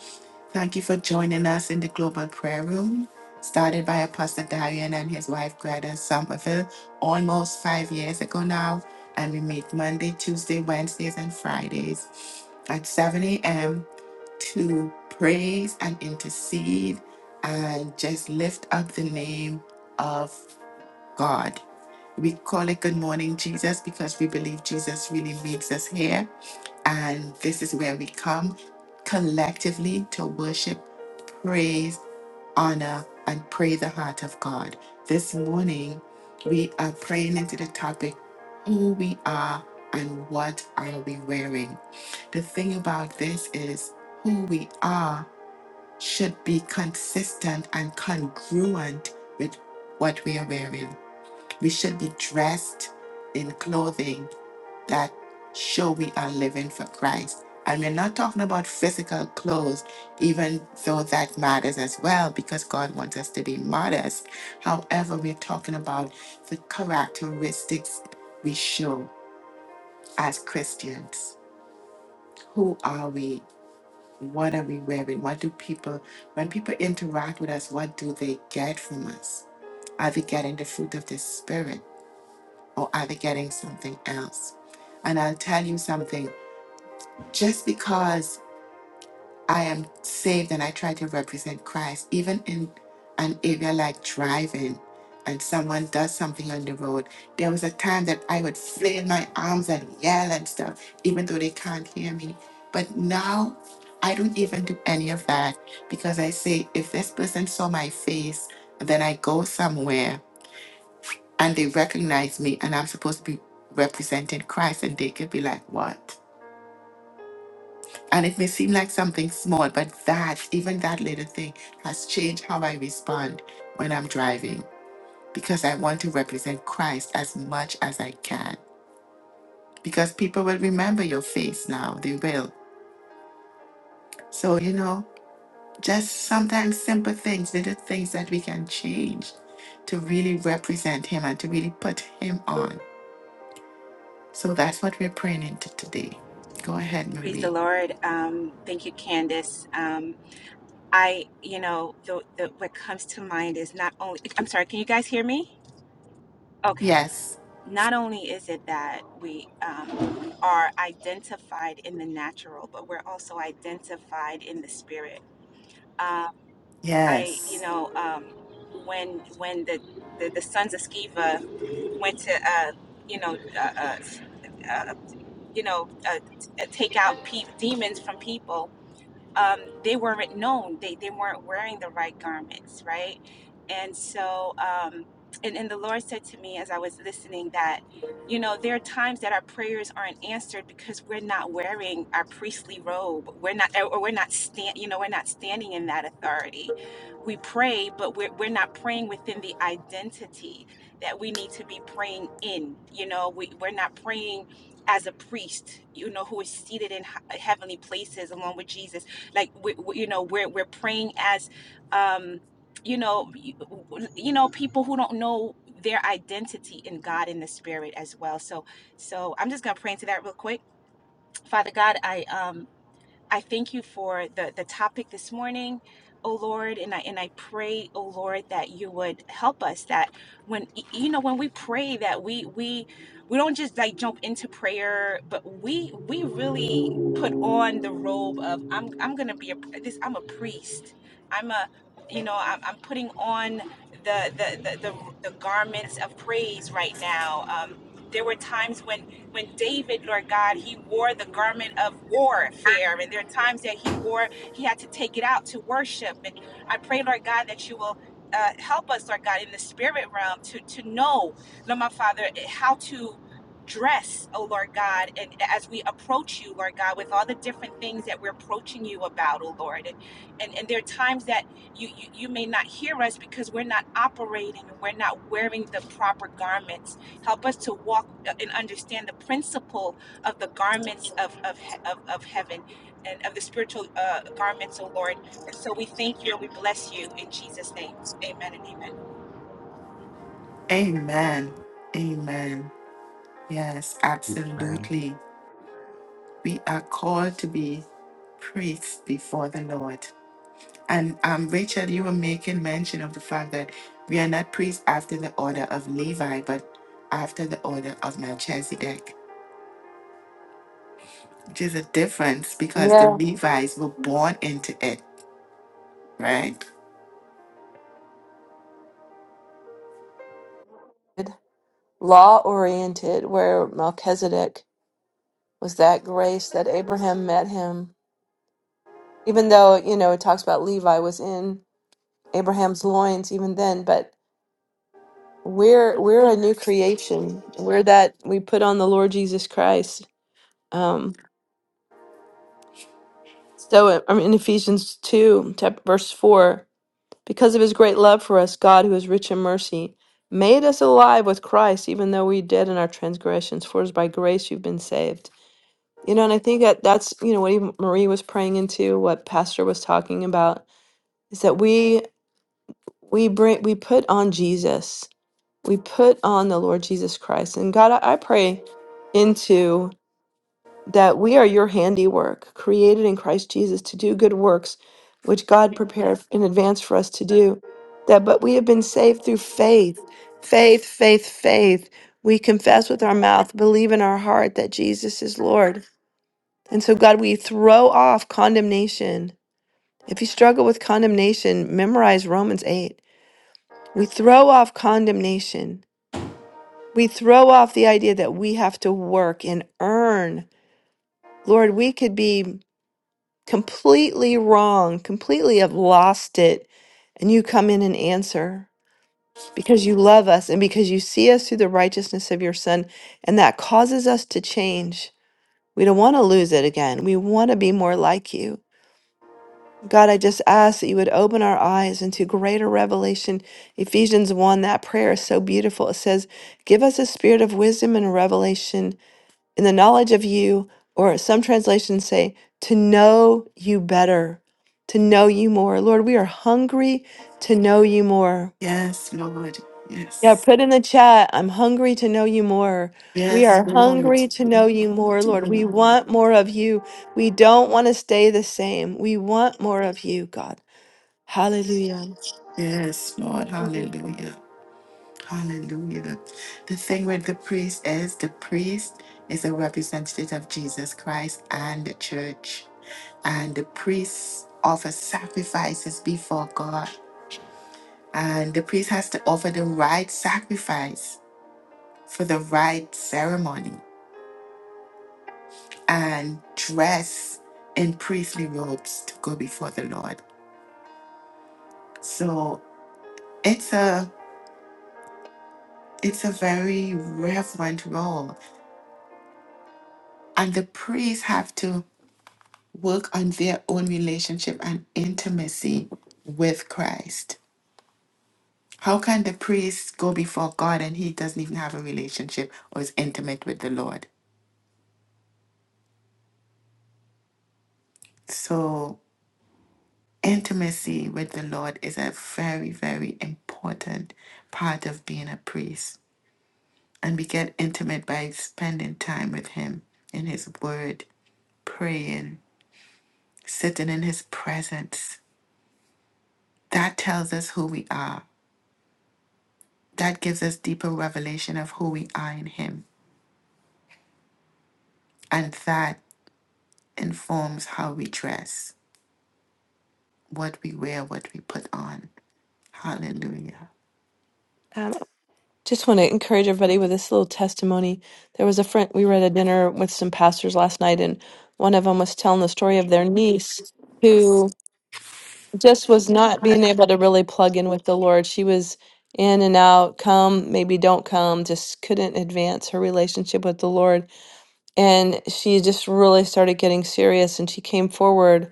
Thank you for joining us in the Global Prayer Room, started by Apostle Darian and his wife Greta Somerville almost five years ago now. And we meet Monday, Tuesday, Wednesdays, and Fridays at 7 a.m. to praise and intercede and just lift up the name of God. We call it Good Morning Jesus because we believe Jesus really meets us here and this is where we come collectively to worship, praise, honor, and pray the heart of God. This morning, we are praying into the topic who we are and what are we wearing. The thing about this is who we are should be consistent and congruent with what we are wearing. We should be dressed in clothing that show we are living for Christ. And we're not talking about physical clothes, even though that matters as well, because God wants us to be modest. However, we're talking about the characteristics we show as Christians. Who are we? What are we wearing? What do people, when people interact with us, what do they get from us? Are they getting the fruit of the Spirit or are they getting something else? And I'll tell you something just because I am saved and I try to represent Christ, even in an area like driving and someone does something on the road. There was a time that I would flail my arms and yell and stuff, even though they can't hear me. But now I don't even do any of that because I say, if this person saw my face, then I go somewhere and they recognize me and I'm supposed to be representing Christ and they could be like, what? And it may seem like something small, but that, even that little thing, has changed how I respond when I'm driving because I want to represent Christ as much as I can. Because people will remember your face now, they will. So, you know, just sometimes simple things, little things that we can change to really represent Him and to really put Him on. So that's what we're praying into today. Go ahead,
Praise the
Marie.
Lord. Um, thank you, Candace. Um, I, you know, the, the, what comes to mind is not only, I'm sorry, can you guys hear me? Okay.
Yes,
Not only is it that we um, are identified in the natural, but we're also identified in the spirit. Um, I, you
yes.
know, um, when when the, the, the sons of Sceva went to, uh, you know, uh, uh, uh, you know, uh, t- uh, take out pe- demons from people, um, they weren't known. They they weren't wearing the right garments, right? And so, um, and and the Lord said to me as I was listening that, you know, there are times that our prayers aren't answered because we're not wearing our priestly robe. We're not, or we're not stand, you know, we're not standing in that authority. We pray, but we're we're not praying within the identity that we need to be praying in. You know, we we're not praying as a priest, you know, who is seated in he- heavenly places along with Jesus like we, we, you know we're we're praying as um you know you, you know people who don't know their identity in God in the spirit as well so so I'm just going to pray into that real quick Father God I um I thank you for the, the topic this morning, oh Lord, and I and I pray, oh Lord, that you would help us that when you know when we pray that we we we don't just like jump into prayer, but we we really put on the robe of I'm I'm gonna be a this I'm a priest. I'm a you know I'm, I'm putting on the the, the the the garments of praise right now. Um, there were times when when David, Lord God, he wore the garment of warfare, and there are times that he wore, he had to take it out to worship. And I pray, Lord God, that you will. Uh, help us, Lord God, in the spirit realm to to know, Lord my Father, how to dress, oh Lord God, and as we approach you, Lord God, with all the different things that we're approaching you about, oh Lord, and and, and there are times that you, you you may not hear us because we're not operating, and we're not wearing the proper garments, Help us to walk uh, and understand the principle of the garments of, of, of, of heaven and of the spiritual uh, garments, O Lord. And so we thank you and we bless you in Jesus' name. Amen and amen.
Amen. Amen. Yes,
Amen.
absolutely. We are called to be priests before the Lord. And um, Rachel, you were making mention of the fact that we are not priests after the order of Levi, but after the order of Melchizedek, which is a difference because the
Yeah.
Levites were born into it, right?
Law oriented, where Melchizedek was that grace that Abraham met him, even though, you know, it talks about Levi was in. Abraham's loins even then, but we're we're a new creation. We're that we put on the Lord Jesus Christ. Um, so uh, I mean, in Ephesians two, chap- verse four, because of His great love for us, God, who is rich in mercy, made us alive with Christ, even though we dead in our transgressions. For it is by grace you've been saved. You know, and I think that that's you know what even Marie was praying into, what Pastor was talking about, is that we we bring we put on Jesus we put on the Lord Jesus Christ. And God, I, I pray into that we are your handiwork, created in Christ Jesus to do good works, which God prepared in advance for us to do. That but we have been saved through faith, faith, faith, faith. We confess with our mouth, believe in our heart that Jesus is Lord. And so, God, we throw off condemnation. If you struggle with condemnation, memorize Romans 8. We throw off condemnation We throw off the idea that we have to work and earn. Lord, we could be completely wrong, completely have lost it, and you come in and answer because you love us and because you see us through the righteousness of your Son, and that causes us to change. We don't want to lose it again. We want to be more like you. God, I just ask that you would open our eyes into greater revelation. Ephesians 1, that prayer is so beautiful. It says, Give us a spirit of wisdom and revelation in the knowledge of you, or some translations say, to know you better, to know you more. Lord, we are hungry to know you more.
Yes, Lord.
Yeah,
Yes.
put in the chat, I'm hungry to know you more. We
Yes,
are
Lord.
hungry to know you more, Lord. We want more of you. We don't want to stay the same. We want more of you, God. Hallelujah.
Yes, Lord. Hallelujah. Hallelujah. The the thing with the priest is the priest is a representative of Jesus Christ and the church. And the priest offers sacrifices before God. And the priest has to offer the right sacrifice for the right ceremony and dress in priestly robes to go before the Lord. So it's a it's a very reverent role. And the priests have to work on their own relationship and intimacy with Christ. How can the priest go before God and he doesn't even have a relationship or is intimate with the Lord? So, intimacy with the Lord is a very, very important part of being a priest. And we get intimate by spending time with him in his word, praying, sitting in his presence. That tells us who we are. That gives us deeper revelation of who we are in him And that informs how we dress, what we wear, what we put on. Hallelujah.
Um, Just want to encourage everybody with this little testimony. There was a friend, we were at a dinner with some pastors last night, and one of them was telling the story of their niece who just was not being able to really plug in with the Lord. She was in and out, come, maybe don't come, just couldn't advance her relationship with the Lord. And she just really started getting serious, and she came forward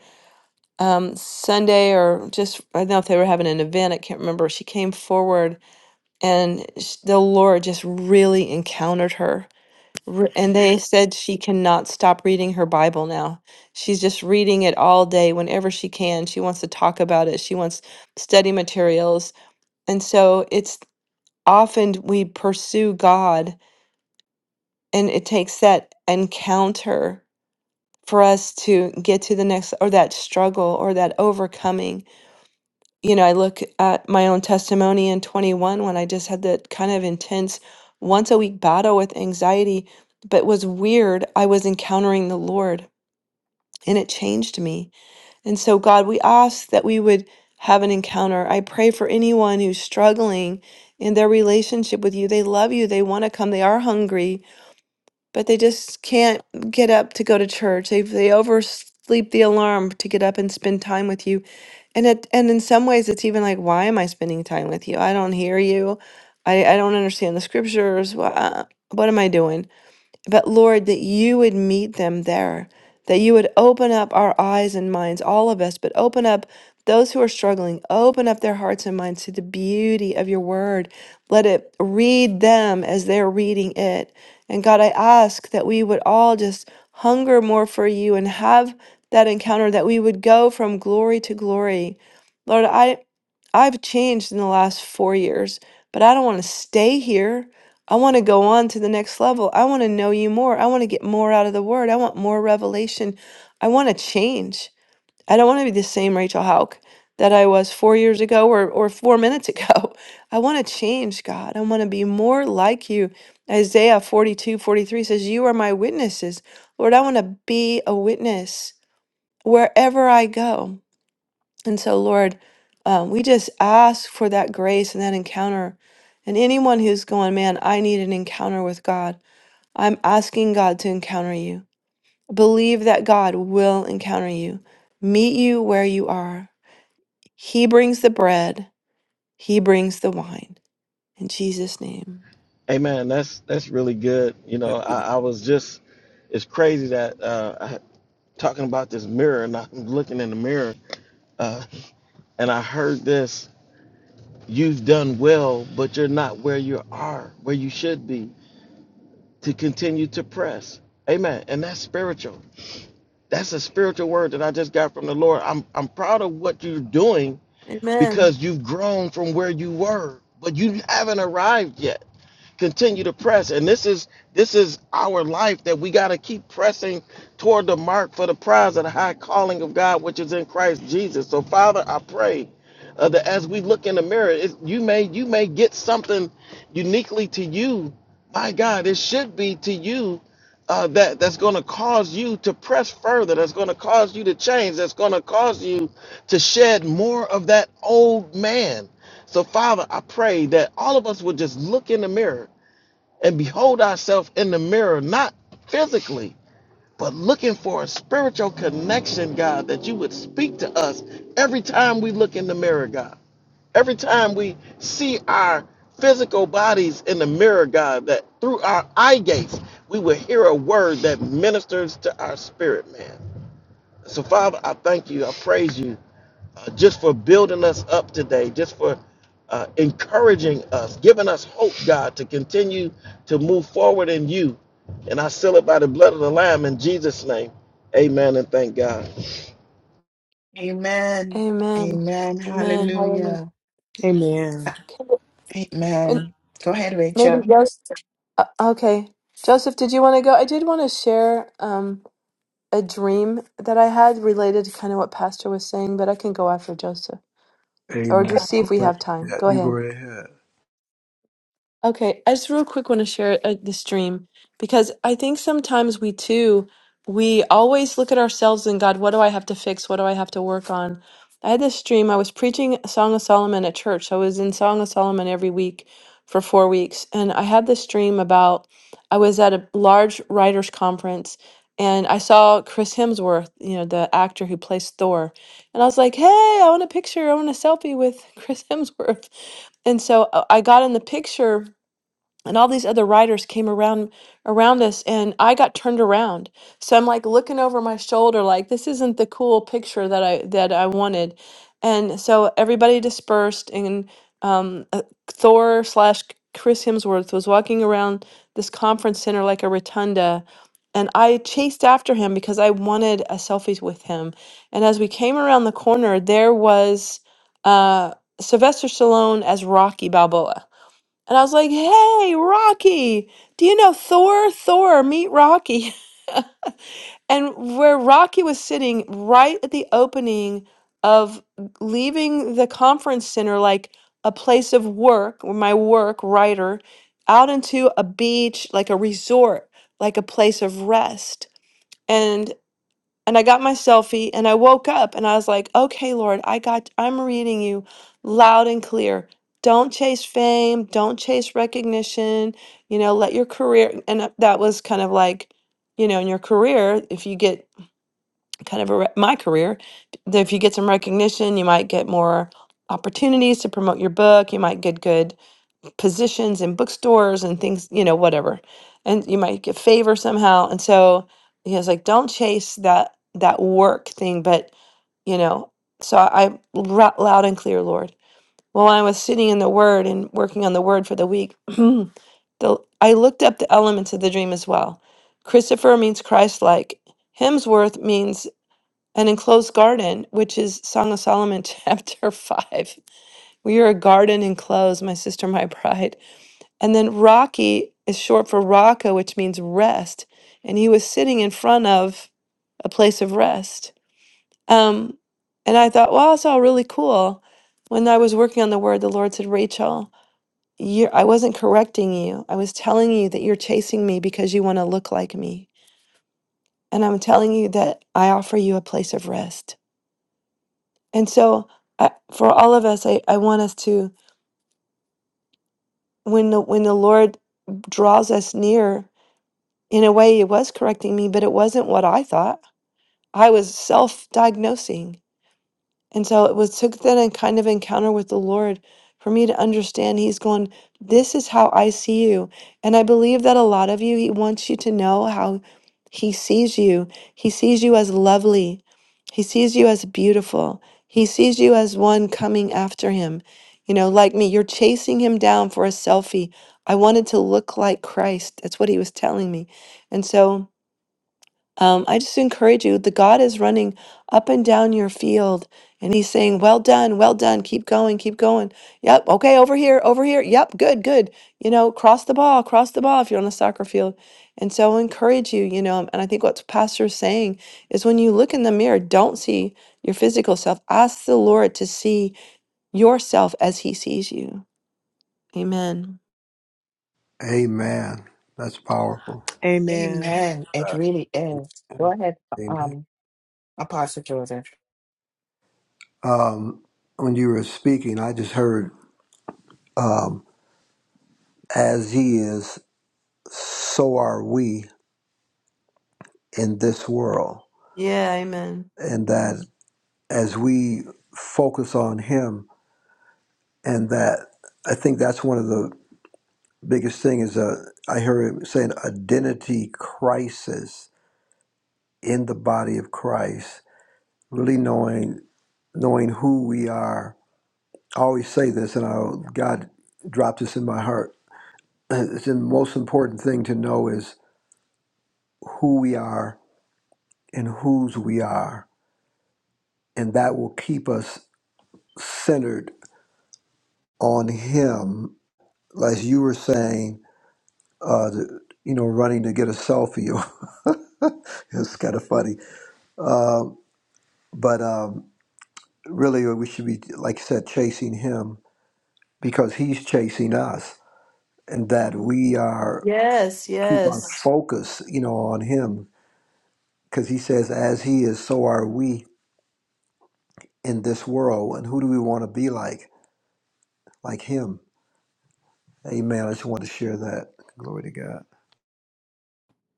um, Sunday or just, I don't know if they were having an event, I can't remember. She came forward and sh- the Lord just really encountered her. Re- And they said she cannot stop reading her Bible now. She's just reading it all day whenever she can. She wants to talk about it, she wants study materials. And so it's often we pursue God, and it takes that encounter for us to get to the next or that struggle or that overcoming you know, I look at my own testimony in 21 when I just had that kind of intense once a week battle with anxiety, but was weird. I was encountering the Lord and it changed me. And so, God, we ask that we would have an encounter. I pray for anyone who's struggling in their relationship with you. They love you, they want to come, they are hungry, but they just can't get up to go to church. They they oversleep the alarm to get up and spend time with you. And it and in some ways it's even like why am I spending time with you? I don't hear you. I I don't understand the scriptures. Wha- uh, What am I doing? But Lord, that you would meet them there, that you would open up our eyes and minds, all of us, but open up those who are struggling, open up their hearts and minds to the beauty of your word. Let it read them as they're reading it. And God, I ask that we would all just hunger more for you and have that encounter, that we would go from glory to glory. Lord, I. I've changed in the last four years, but I don't want to stay here. I want to go on to the next level. I want to know you more. I want to get more out of the word. I want more revelation. I want to change. I don't want to be the same Rachel Hauk that I was four years ago or, or four minutes ago. I want to change, God. I want to be more like you. Isaiah 42 43 says, You are my witnesses. Lord, I want to be a witness wherever I go. And so, Lord, um, we just ask for that grace and that encounter. And anyone who's going, man, I need an encounter with God, I'm asking God to encounter you. Believe that God will encounter you, meet you where you are. He brings the bread, He brings the wine. In Jesus' name.
Hey man, that's that's really good. You know, I, I was just it's crazy that uh I, talking about this mirror and I'm looking in the mirror uh and I heard this, you've done well, but you're not where you are, where you should be to continue to press. Amen. And that's spiritual. That's a spiritual word that I just got from the Lord. I'm I'm proud of what you're doing
Amen.
because you've grown from where you were, but you haven't arrived yet continue to press and this is this is our life that we got to keep pressing toward the mark for the prize of the high calling of god which is in christ jesus so father i pray uh, that as we look in the mirror it, you may you may get something uniquely to you my god it should be to you uh, that that's going to cause you to press further that's going to cause you to change that's going to cause you to shed more of that old man so father i pray that all of us would just look in the mirror and behold ourselves in the mirror, not physically, but looking for a spiritual connection, God, that you would speak to us every time we look in the mirror, God. Every time we see our physical bodies in the mirror, God, that through our eye gates, we will hear a word that ministers to our spirit, man. So, Father, I thank you. I praise you uh, just for building us up today, just for uh, encouraging us, giving us hope, God, to continue to move forward in you. And I seal it by the blood of the Lamb in Jesus' name. Amen and thank God.
Amen.
Amen.
Amen.
Amen. Hallelujah.
Hallelujah.
Amen.
Okay, and
Amen. Go ahead,
Maybe,
Rachel.
uh, okay. Joseph, did you want to go? I did want to share. Um, a dream that I had related to kind of what Pastor was saying, but I can go after Joseph or
Amen.
just see if we have time. Go
You
ahead.
go right ahead.
Okay, I just real quick want to share uh, the stream because I think sometimes we too we always look at ourselves and God, what do I have to fix? What do I have to work on? I had this dream. I was preaching Song of Solomon at church. So I was in Song of Solomon every week for four weeks, and I had this dream about I was at a large writers conference and I saw Chris Hemsworth, you know, the actor who plays Thor, and I was like, hey, I want a picture. I want a selfie with Chris Hemsworth, and so uh, I got in the picture and all these other writers came around around us and i got turned around so i'm like looking over my shoulder like this isn't the cool picture that i that i wanted and so everybody dispersed and um, uh, thor slash chris hemsworth was walking around this conference center like a rotunda and i chased after him because i wanted a selfie with him and as we came around the corner there was uh, sylvester stallone as rocky balboa and I was like, hey, Rocky, do you know Thor? Thor, meet Rocky. And where Rocky was sitting right at the opening of leaving the conference center, like a place of work, or my work, writer, out into a beach, like a resort, like a place of rest. and and I got my selfie and I woke up and I was like, okay, Lord, I got, I'm reading you loud and clear. Don't chase fame. Don't chase recognition. You know, let your career. And uh, that was kind of like, you know, in your career, if you get kind of a, re- my career, that if you get some recognition, you might get more opportunities to promote your book. You might get good positions in bookstores and things, you know, whatever. And you might get favor somehow. And so he was like, don't chase that that work thing, but you know. So I I ra- loud and clear, Lord. Well, when I was sitting in the Word and working on the Word for the week, the I looked up the elements of the dream as well. Christopher means Christ-like. Hemsworth means an enclosed garden, which is Song of Solomon chapter five. We are a garden enclosed, my sister, my bride and then Rocky is short for Raka, which means rest. And he was sitting in front of a place of rest. Um, and I thought, wow, that's all really cool. When I was working on the word, the Lord said, Rachel, you I wasn't correcting you. I was telling you that you're chasing me because you want to look like me. And I'm telling you that I offer you a place of rest. And so I, for all of us, I, I want us to, when the, when the Lord draws us near in a way it was correcting me but it wasn't what i thought i was self-diagnosing and so it was took that and kind of encounter with the lord for me to understand he's going this is how i see you and i believe that a lot of you he wants you to know how he sees you he sees you as lovely he sees you as beautiful he sees you as one coming after him you know like me you're chasing him down for a selfie i wanted to look like christ that's what he was telling me and so um, I just encourage you. The God is running up and down your field, and He's saying, "Well done, well done. Keep going, keep going. Yep, okay, over here, over here. Yep, good, good. You know, cross the ball, cross the ball if you're on the soccer field." And so, I encourage you. You know, and I think what Pastor is saying is, when you look in the mirror, don't see your physical self. Ask the Lord to see yourself as He sees you. Amen.
Amen. That's powerful.
Amen.
Amen. It
Right.
really is. Go ahead,
Amen.
um, Apostle Joseph.
Um, when you were speaking, I just heard, um, as he is, so are we in this world.
Yeah, Amen.
And that as we focus on him, and that I think that's one of the biggest thing is uh, I heard him saying identity crisis in the body of Christ, really knowing knowing who we are I always say this, and I, God dropped this in my heart. It's the most important thing to know is who we are and whose we are, and that will keep us centered on Him. As you were saying, uh, the, you know, running to get a selfie, it's kind of funny. Uh, but um, really, we should be, like I said, chasing Him because He's chasing us, and that we are
Yes,
keep our
yes.
focus, you know, on Him because he says, as he is, so are we in this world. And who do we want to be like? Like him. Amen. I just want to share that. Glory to God.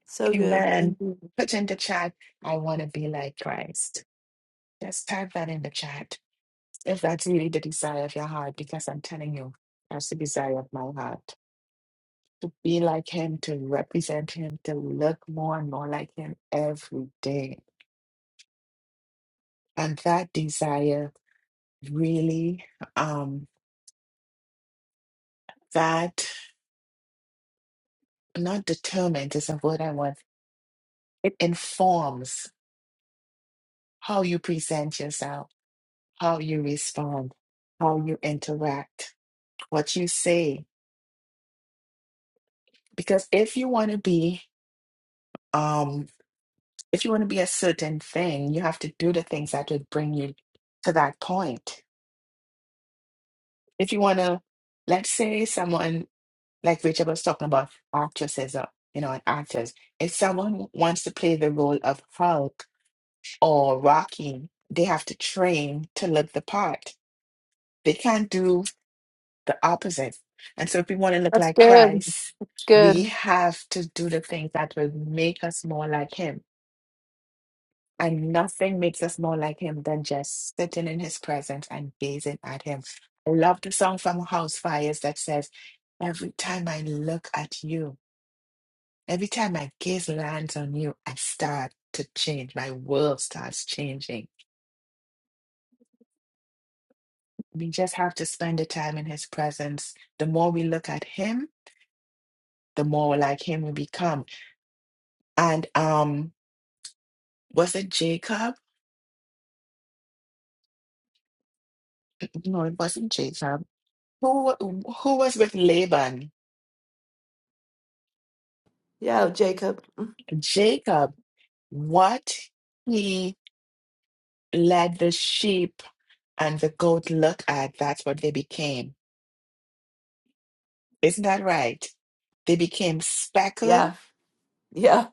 So good.
Amen.
Thank you.
Put in the chat, I want to be like Christ. Just type that in the chat if that's really the desire of your heart, because I'm telling you, that's the desire of my heart. to be like him, to represent him, to look more and more like him every day. And that desire really, um, that not determined is a word I want. It informs how you present yourself, how you respond, how you interact, what you say. Because if you want to be, um, if you want to be a certain thing, you have to do the things that would bring you to that point. If you want to, let's say someone like Rachel was talking about actresses, uh, you know, and actors. If someone w- wants to play the role of Hulk or Rocky, they have to train to look the part. They can't do the opposite. And so, if we want to look
That's
like
good.
Christ, we
Good.
have to do the things that will make us more like Him. And nothing makes us more like Him than just sitting in His presence and gazing at Him. I love the song from House Fires that says, Every time I look at you. Every time my gaze lands on you, I start to change. My world starts changing. We just have to spend the time in his presence. The more we look at him, the more like him we become. And um, was it Jacob? No, it wasn't Jacob. Who wa- who was with Laban?
Yeah, Jacob. Mm,
Jacob. What he let the sheep and the goat look at, that's what they became. Isn't that right? They became speckled
Yeah. Yeah.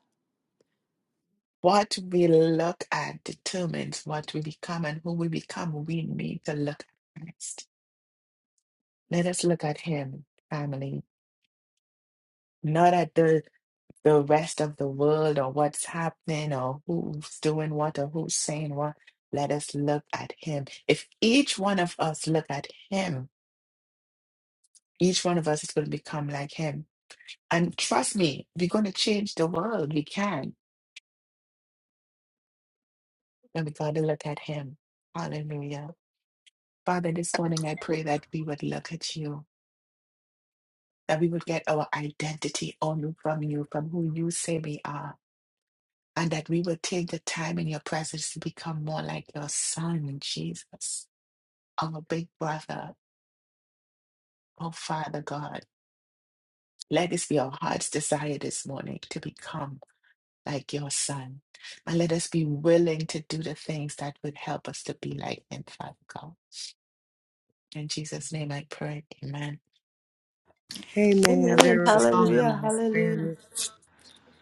What we look at determines what we become, and who we become, we need to look at Christ. Let us look at Him, family, not at the the rest of the world or what's happening or who's doing what or who's saying what. Let us look at Him. If each one of us look at Him, each one of us is going to become like Him. And trust me, we're going to change the world. We can, and we got to look at Him. Hallelujah. Father, this morning I pray that we would look at you. that we will get our identity only from you, from who you say we are, and that we will take the time in your presence to become more like your son, Jesus, our big brother, oh Father God. Let this be our heart's desire this morning to become like your son. And let us be willing to do the things that would help us to be like him, Father God. In Jesus' name I pray. Amen.
Amen.
Amen. There was a song in
Yeah.
my spirit.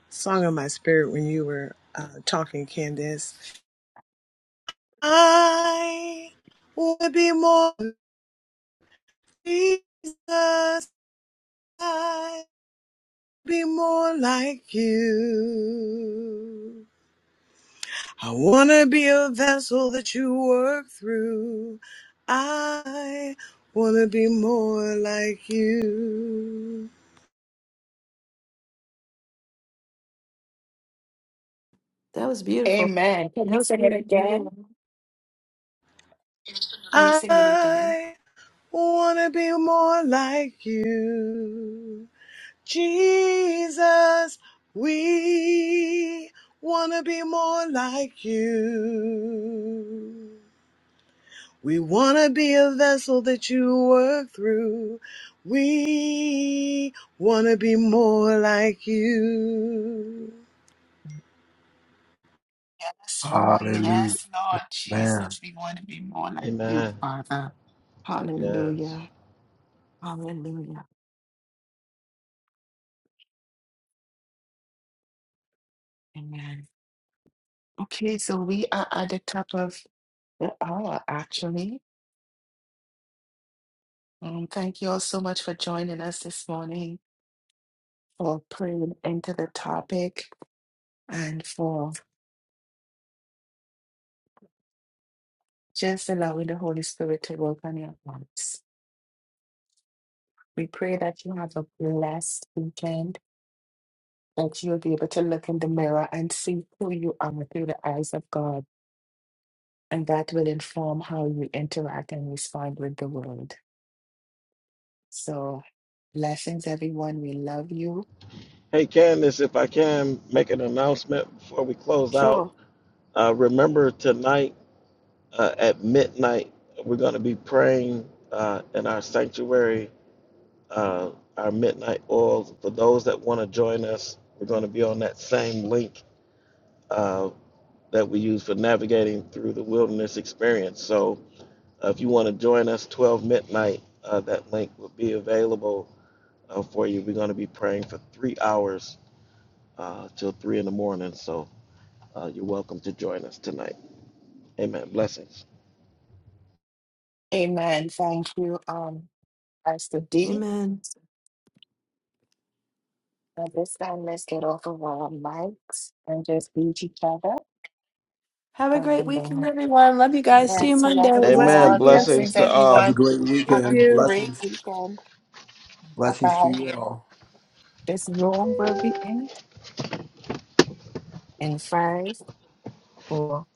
Song in my spirit when you were uh, talking, Candace. I would be more like Jesus. I would be more like you. I want to be a vessel that you work through. I want to be more like you.
That was beautiful.
Amen. Can
That
you
was
sing it
beautiful. Amen.
again? Can you sing it again?
I want to be more like you. Jesus, we want to be more like you. We want to be a vessel that you work through. We want to be more like you.
Yes, Lord.
Hallelujah.
Yes, Lord
Man.
Jesus. We want to be more like you,
Amen.
Father.
Yes.
Hallelujah. Hallelujah. Amen. Okay, so we are at the top of the hour, actually. Um, thank you all so much for joining us this morning, for praying into the topic, and for just allowing the Holy Spirit to work on your hearts. We pray that you have a blessed weekend, that you'll be able to look in the mirror and see who you are through the eyes of God and that will inform how you interact and respond with the world. So, blessings, everyone. We love you.
Hey, Candace, if I can make an announcement before we close out,
Sure.
uh, remember tonight uh, at midnight, we're going to be praying uh, in our sanctuary uh, our midnight oils. For those that want to join us, we're going to be on that same link uh, that we use for navigating through the wilderness experience. So uh, if you want to join us 12 midnight, uh, that link will be available uh, for you. We're going to be praying for three hours uh, till three in the morning. So uh, you're welcome to join us tonight. Amen. Blessings.
Amen. Thank you, um, Pastor D.
Amen.
At this time, let's get off of our mics and just greet each other.
Have a great
And
weekend,
uh,
everyone. Love you guys. See you
yes, we love
Have
Monday.
a
you
blessed
Amen.
all.
weekend,
Blessings
Blessings,
to
everyone.
Have a
all.
everyone.
great
Have
Love
a
weekend.
you.
great
Blessings.
weekend. Bye
Blessings to
bye.
you all.
This room will be in in five, four,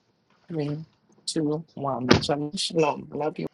three, two, one. Shalom. Shalom. Love you.